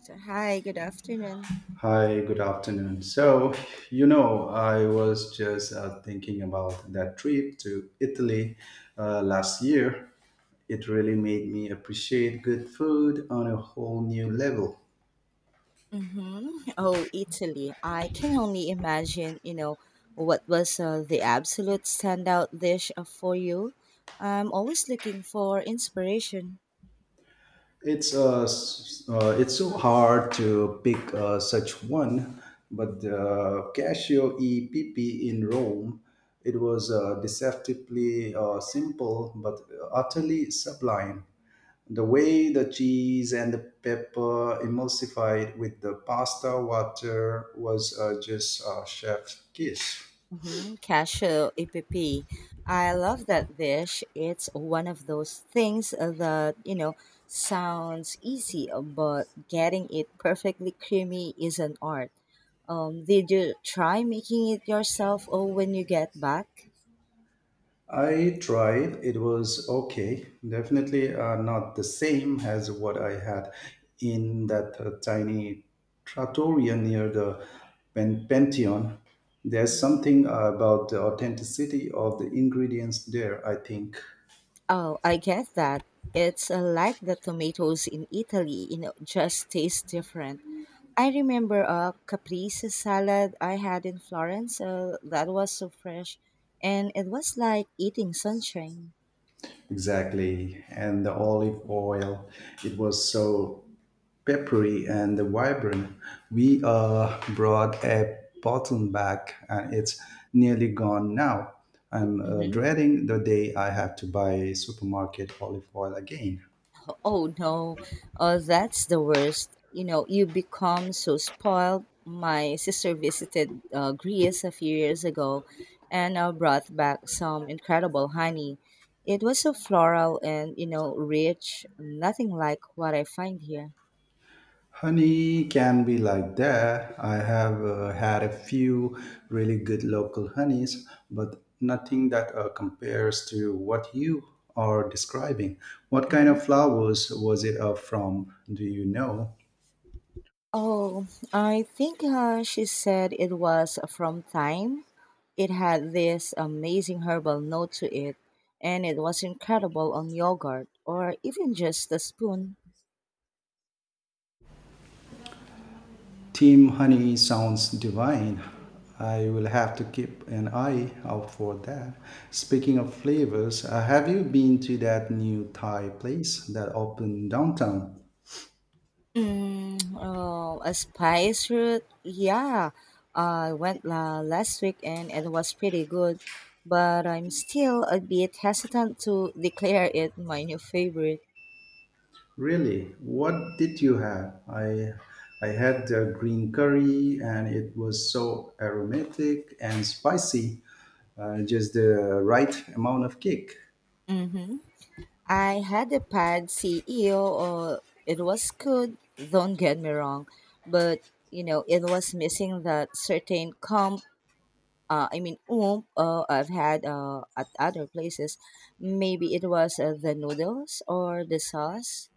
So, hi, good afternoon. Hi, good afternoon. So, you know, I was just thinking about that trip to Italy last year. It really made me appreciate good food on a whole new level. Mm-hmm. Oh, Italy. I can only imagine, you know, what was the absolute standout dish for you. I'm always looking for inspiration. It's so hard to pick such one, but the Casio epp in Rome, it was deceptively simple but utterly sublime. The way the cheese and the pepper emulsified with the pasta water was just a chef's kiss. Mm-hmm. Cashew Eppi, I love that dish. It's one of those things that, you know, sounds easy, but getting it perfectly creamy is an art. Did you try making it yourself or when you get back? I tried, it was okay. Definitely not the same as what I had in that tiny trattoria near the Pantheon. There's Mhm. something about the authenticity of the ingredients there, I think. Oh, I get that. It's like the tomatoes in Italy, you know, just taste different. I remember a caprese salad I had in Florence that was so fresh, and it was like eating sunshine. Exactly. And the olive oil, it was so peppery and vibrant. We brought a bottle back and it's nearly gone now. I'm Mm-hmm. dreading the day I have to buy supermarket olive oil again. Oh no, oh that's the worst. You know, you become so spoiled. My sister visited Greece a few years ago and brought back some incredible honey. It was so floral and, you know, rich, nothing like what I find here. Honey can be like that. I have had a few really good local honeys, but nothing that compares to what you are describing. What kind Hmm. of flowers was it from? Do you know? Oh, I think she said it was from thyme. It had this amazing herbal note to it, and it was incredible on yogurt or even just a spoon. Team Honey sounds divine. I will have to keep an eye out for that. Speaking of flavors, have you been to that new Thai place that opened downtown? Mm, oh, a spice route? Yeah, I went la last week and it was pretty good, but I'm still a bit hesitant to declare it my new favorite. Really? What did you have? I had the green curry and it was so aromatic and spicy. Just the right amount of kick. Mm-hmm. I had a pad CEO, or it was good, don't get me wrong, but you know, it was missing that certain oomph I've had at other places. Maybe it was the noodles or the sauce.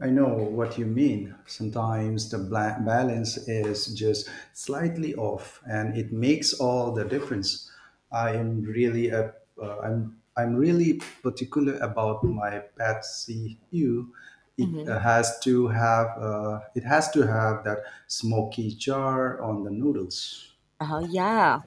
I know what you mean. Sometimes the balance is just slightly off, and it Mhm. makes all the difference. I am really a, I'm really particular about my Patsy Ew. It uh, Mhm. has to have uh, it has to have that smoky char on the noodles. Oh yeah,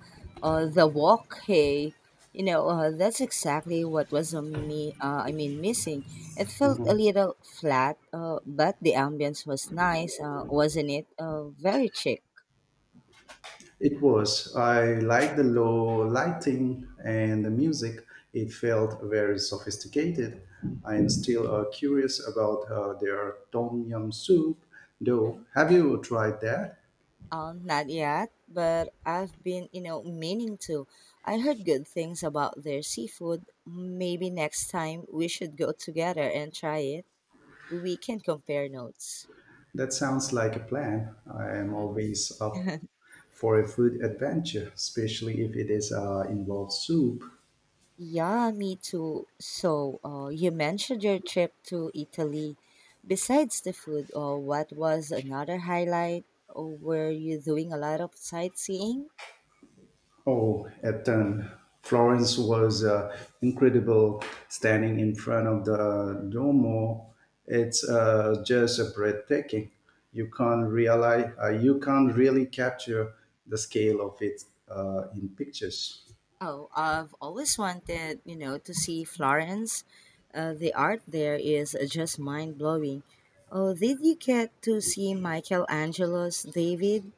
the walk. Hey, you know that's exactly what was missing. It felt a little flat, but the ambience was nice, wasn't it? Very chic. It was. I liked the low lighting and the music. It felt very sophisticated. I am still curious about their tom yum soup, though. Mhm. Have you tried that? Not yet, but I've been, you know, meaning to. I heard good things about their seafood. Maybe next time we should go together and try it. We can compare notes. That sounds like a plan. I am Mhm. always up for a food adventure, especially if it is involved soup. Yeah, me too. So, you mentioned your trip to Italy. Besides the food, what was another highlight? Or were you doing a lot of sightseeing? Oh, at 10. Florence was incredible standing in front of the Duomo. It's just breathtaking. You can't really capture the scale of it in pictures. Oh, I've always wanted, you know, to see Florence. The art there is just mind blowing. Oh, did you get to see Michelangelo's David?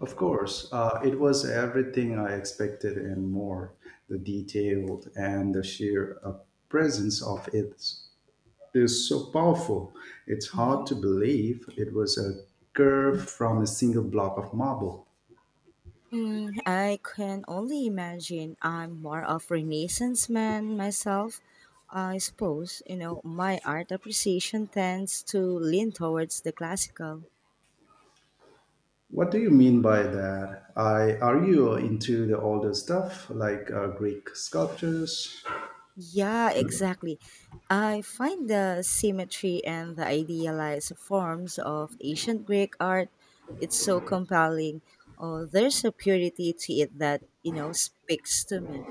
Of course, it was everything I expected and more. The detailed and the sheer presence of it is so powerful. It's hard to Mhm. believe it was a curve from a single block of marble. Mm, I can only imagine. I'm more of Renaissance man myself. I suppose you know my art appreciation tends to lean towards the classical. What do you mean by that? I Are you into the older stuff like Greek sculptures? Yeah, exactly. I find the symmetry and the idealized forms of ancient Greek art it's so compelling. Oh, there's a purity to it that you know speaks to me.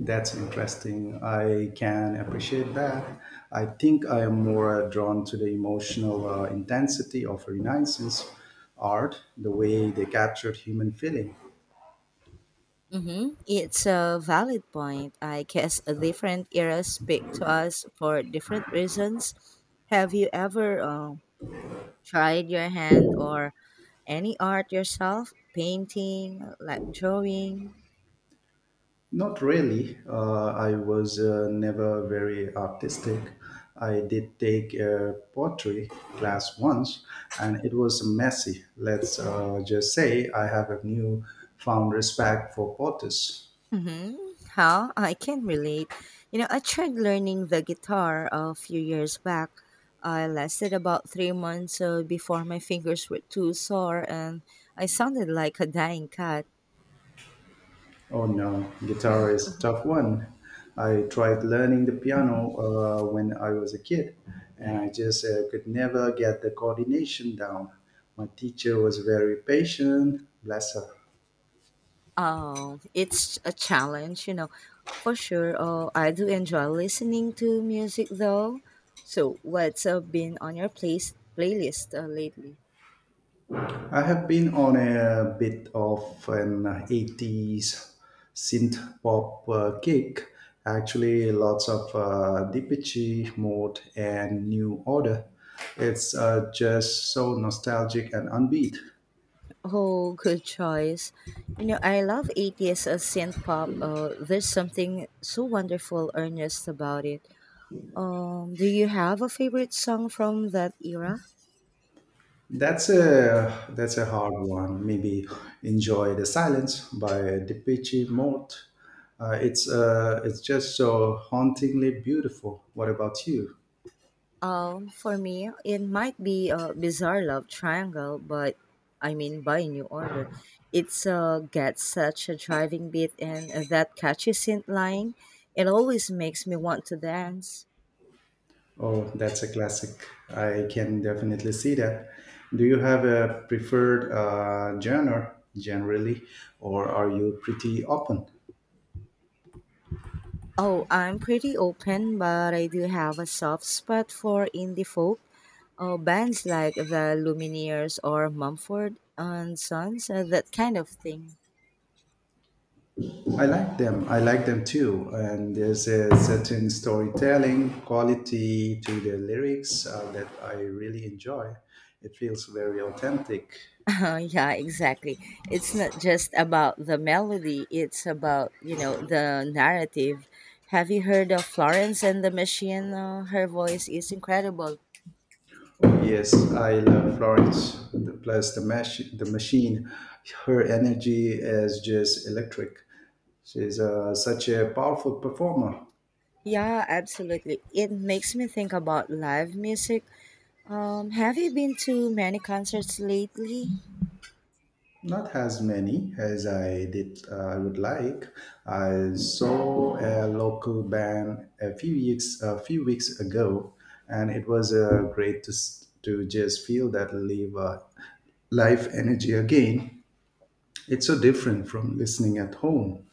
That's interesting. I can appreciate that. I think I am more drawn to the emotional intensity of Renaissance art, the way they captured human feeling. Mm-hmm. It's a valid point. I guess different eras speak to us for different reasons. Have you ever tried your hand or any art yourself? Painting, like drawing? Not really. I was never very artistic. I did take a pottery class once, and it was messy. Let's just say I have a new found respect for potters. Mm-hmm. How? I can relate. You know, I tried learning the guitar a few years back. I lasted about 3 months before my fingers were too sore and I sounded like a dying cat. Oh no, guitar is a tough one. I tried learning the piano when I was a kid, and I just could never get the coordination down. My teacher was very patient, bless her. It's a challenge, you know, for sure. I do enjoy listening to music though. So, what's been on your place playlist lately? I have been on a bit of an 80s synth pop kick. Actually, lots of Depeche Mode and New Order. It's just so nostalgic and unbeat. Oh, good choice. You know, I love 80s synth pop. There's something so wonderful, earnest about it. Do you have a favorite song from that era? That's a hard one. Maybe enjoy the silence by Depeche Mode. It's just so hauntingly beautiful. What about you? For me, it might be a bizarre love triangle, but by New Order. It's got such a driving beat and that catchy synth line. It always makes me want to dance. Oh, that's a classic. I can definitely see that. Do you have a preferred genre generally, or are you pretty open? Oh, I'm pretty open, but I do have a soft spot for indie folk. Bands like the Lumineers or Mumford and Sons, that kind of thing. I like them. I like them too. And there's a certain storytelling quality to the lyrics that I really enjoy. It feels very authentic. Yeah, exactly. It's not just about the melody, it's about, you know, the narrative. Have you heard of Florence and the Machine? Her voice is incredible. Yes, I love Florence. The, plus the the machine, her energy is just electric. She's such a powerful performer. Yeah, absolutely. It makes me think about live music. Have you been to many concerts lately? Not as many as I would like. I saw a local band a few weeks ago, and it was great to to just feel that live life energy again. It's so different from listening at home.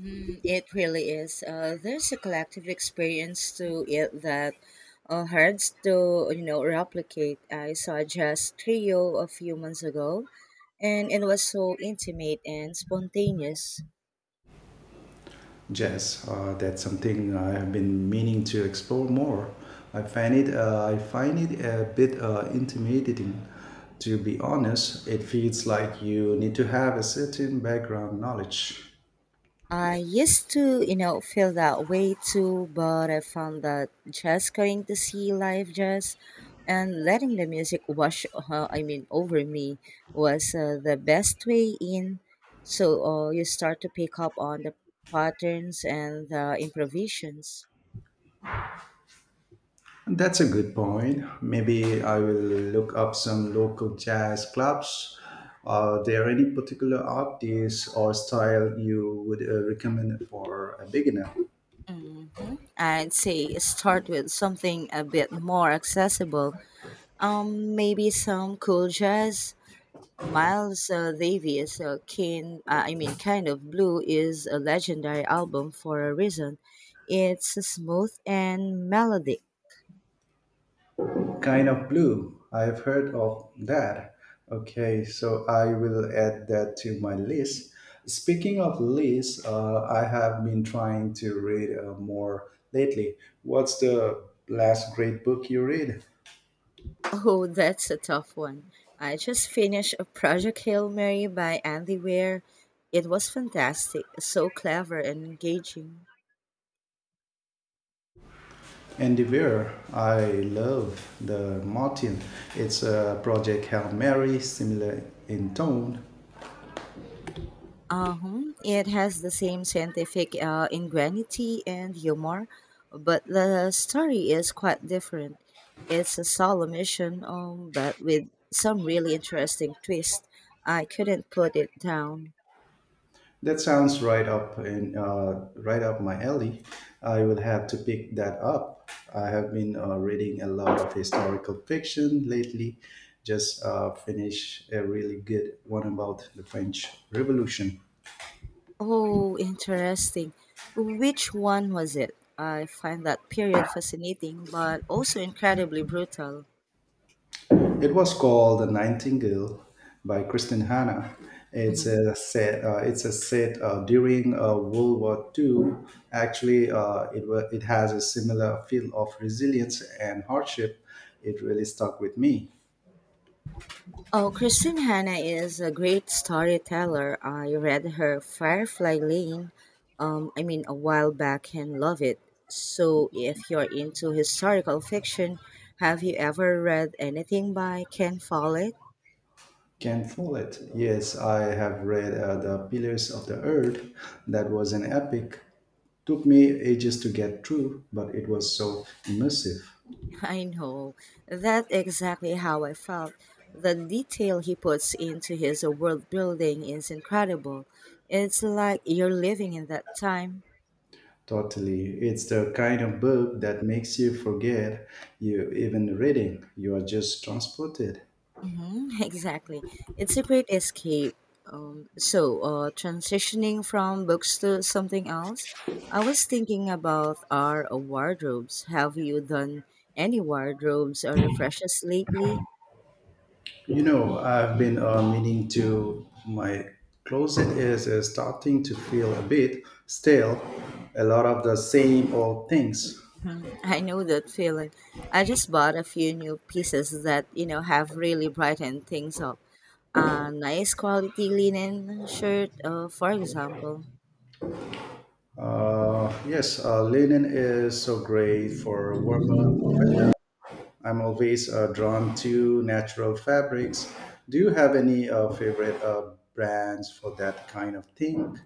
Mm, it really is. There's a collective experience to it that hard to you know replicate. I saw just trio a few months ago, and it was so intimate and spontaneous. Jazz. That's something I have been meaning to explore more. I find it a bit intimidating. To be honest, it feels like you need to have a certain background knowledge. I used to, you know, feel that way too, but I found that just going to see live jazz and letting the music wash over me was the best way in. So you start to pick up on the patterns and the improvisations. That's a good point. Maybe I will look up some local jazz clubs. Are there any particular artists or style you would recommend for a beginner? Mm, I'd say start with something a bit more accessible. Maybe some cool jazz Miles Davis' Kind of Blue is a legendary album for a reason. It's smooth and melodic. Kind of blue. I've heard of that. Okay, so I will add that to my list. Speaking of lists, I have been trying to read more lately. What's the last great book you read? Oh, that's a tough one. I just finished a Project Hail Mary by Andy Weir. It was fantastic, so clever and engaging. Endeavour. I love the Martin. It's a Project Hail Mary, similar in tone. Uh-huh. It has the same scientific ingenuity and humor, but the story is quite different. It's a solemn mission, but with some really interesting twist. I couldn't put it down. That sounds right up in Right up my alley. I will have to pick that up. I have been reading a lot of historical fiction lately. Just finished a really good one about the French Revolution. Oh, interesting. Which one was it? I find that period fascinating, but also incredibly brutal. It was called The Nightingale by Kristen Hanna. Mm-hmm. It's a set during World War Two. Actually, it has a similar feel of resilience and hardship. It really stuck with me. Oh, Christine Hanna is a great storyteller. I read her Firefly Lane, a while back and love it. So, if you're into historical fiction, have you ever read anything by Ken Follett? Can fool it. Yes, I have read The Pillars of the Earth. That was an epic. Took me ages to get through, but it was so immersive. I know. That's exactly how I felt. The detail he puts into his world building is incredible. It's like you're living in that time. Totally. It's the kind of book that makes you forget you even reading. You are just transported. Mm-hmm, exactly. It's a great escape. So, transitioning from books to something else, I was thinking about our wardrobes. Have you done any wardrobes or refreshes lately? You know, I've been meaning to. My closet is starting to feel a bit stale. A lot of the same old things. I know that feeling. I just bought a few new pieces that, you know, have really brightened things up. A nice quality linen shirt, for example. Yes, linen is so great for warmer weather. I'm always drawn to natural fabrics. Do you have any favorite brands for that kind of thing?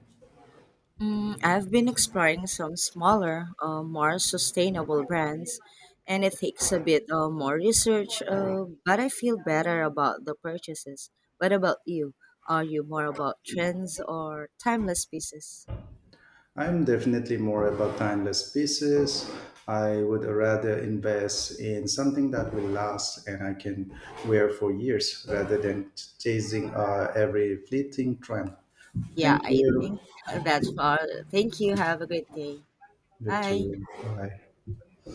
Mm, I've been exploring some smaller, more sustainable brands, and it takes a bit more research, but I feel better about the purchases. What about you? Are you more about trends or timeless pieces? I'm definitely more about timeless pieces. I would rather invest in something that will last and I can wear for years rather than chasing every fleeting trend. Yeah, Thank I you. think that's all. Thank you. Have a great day. You Bye. too. Bye.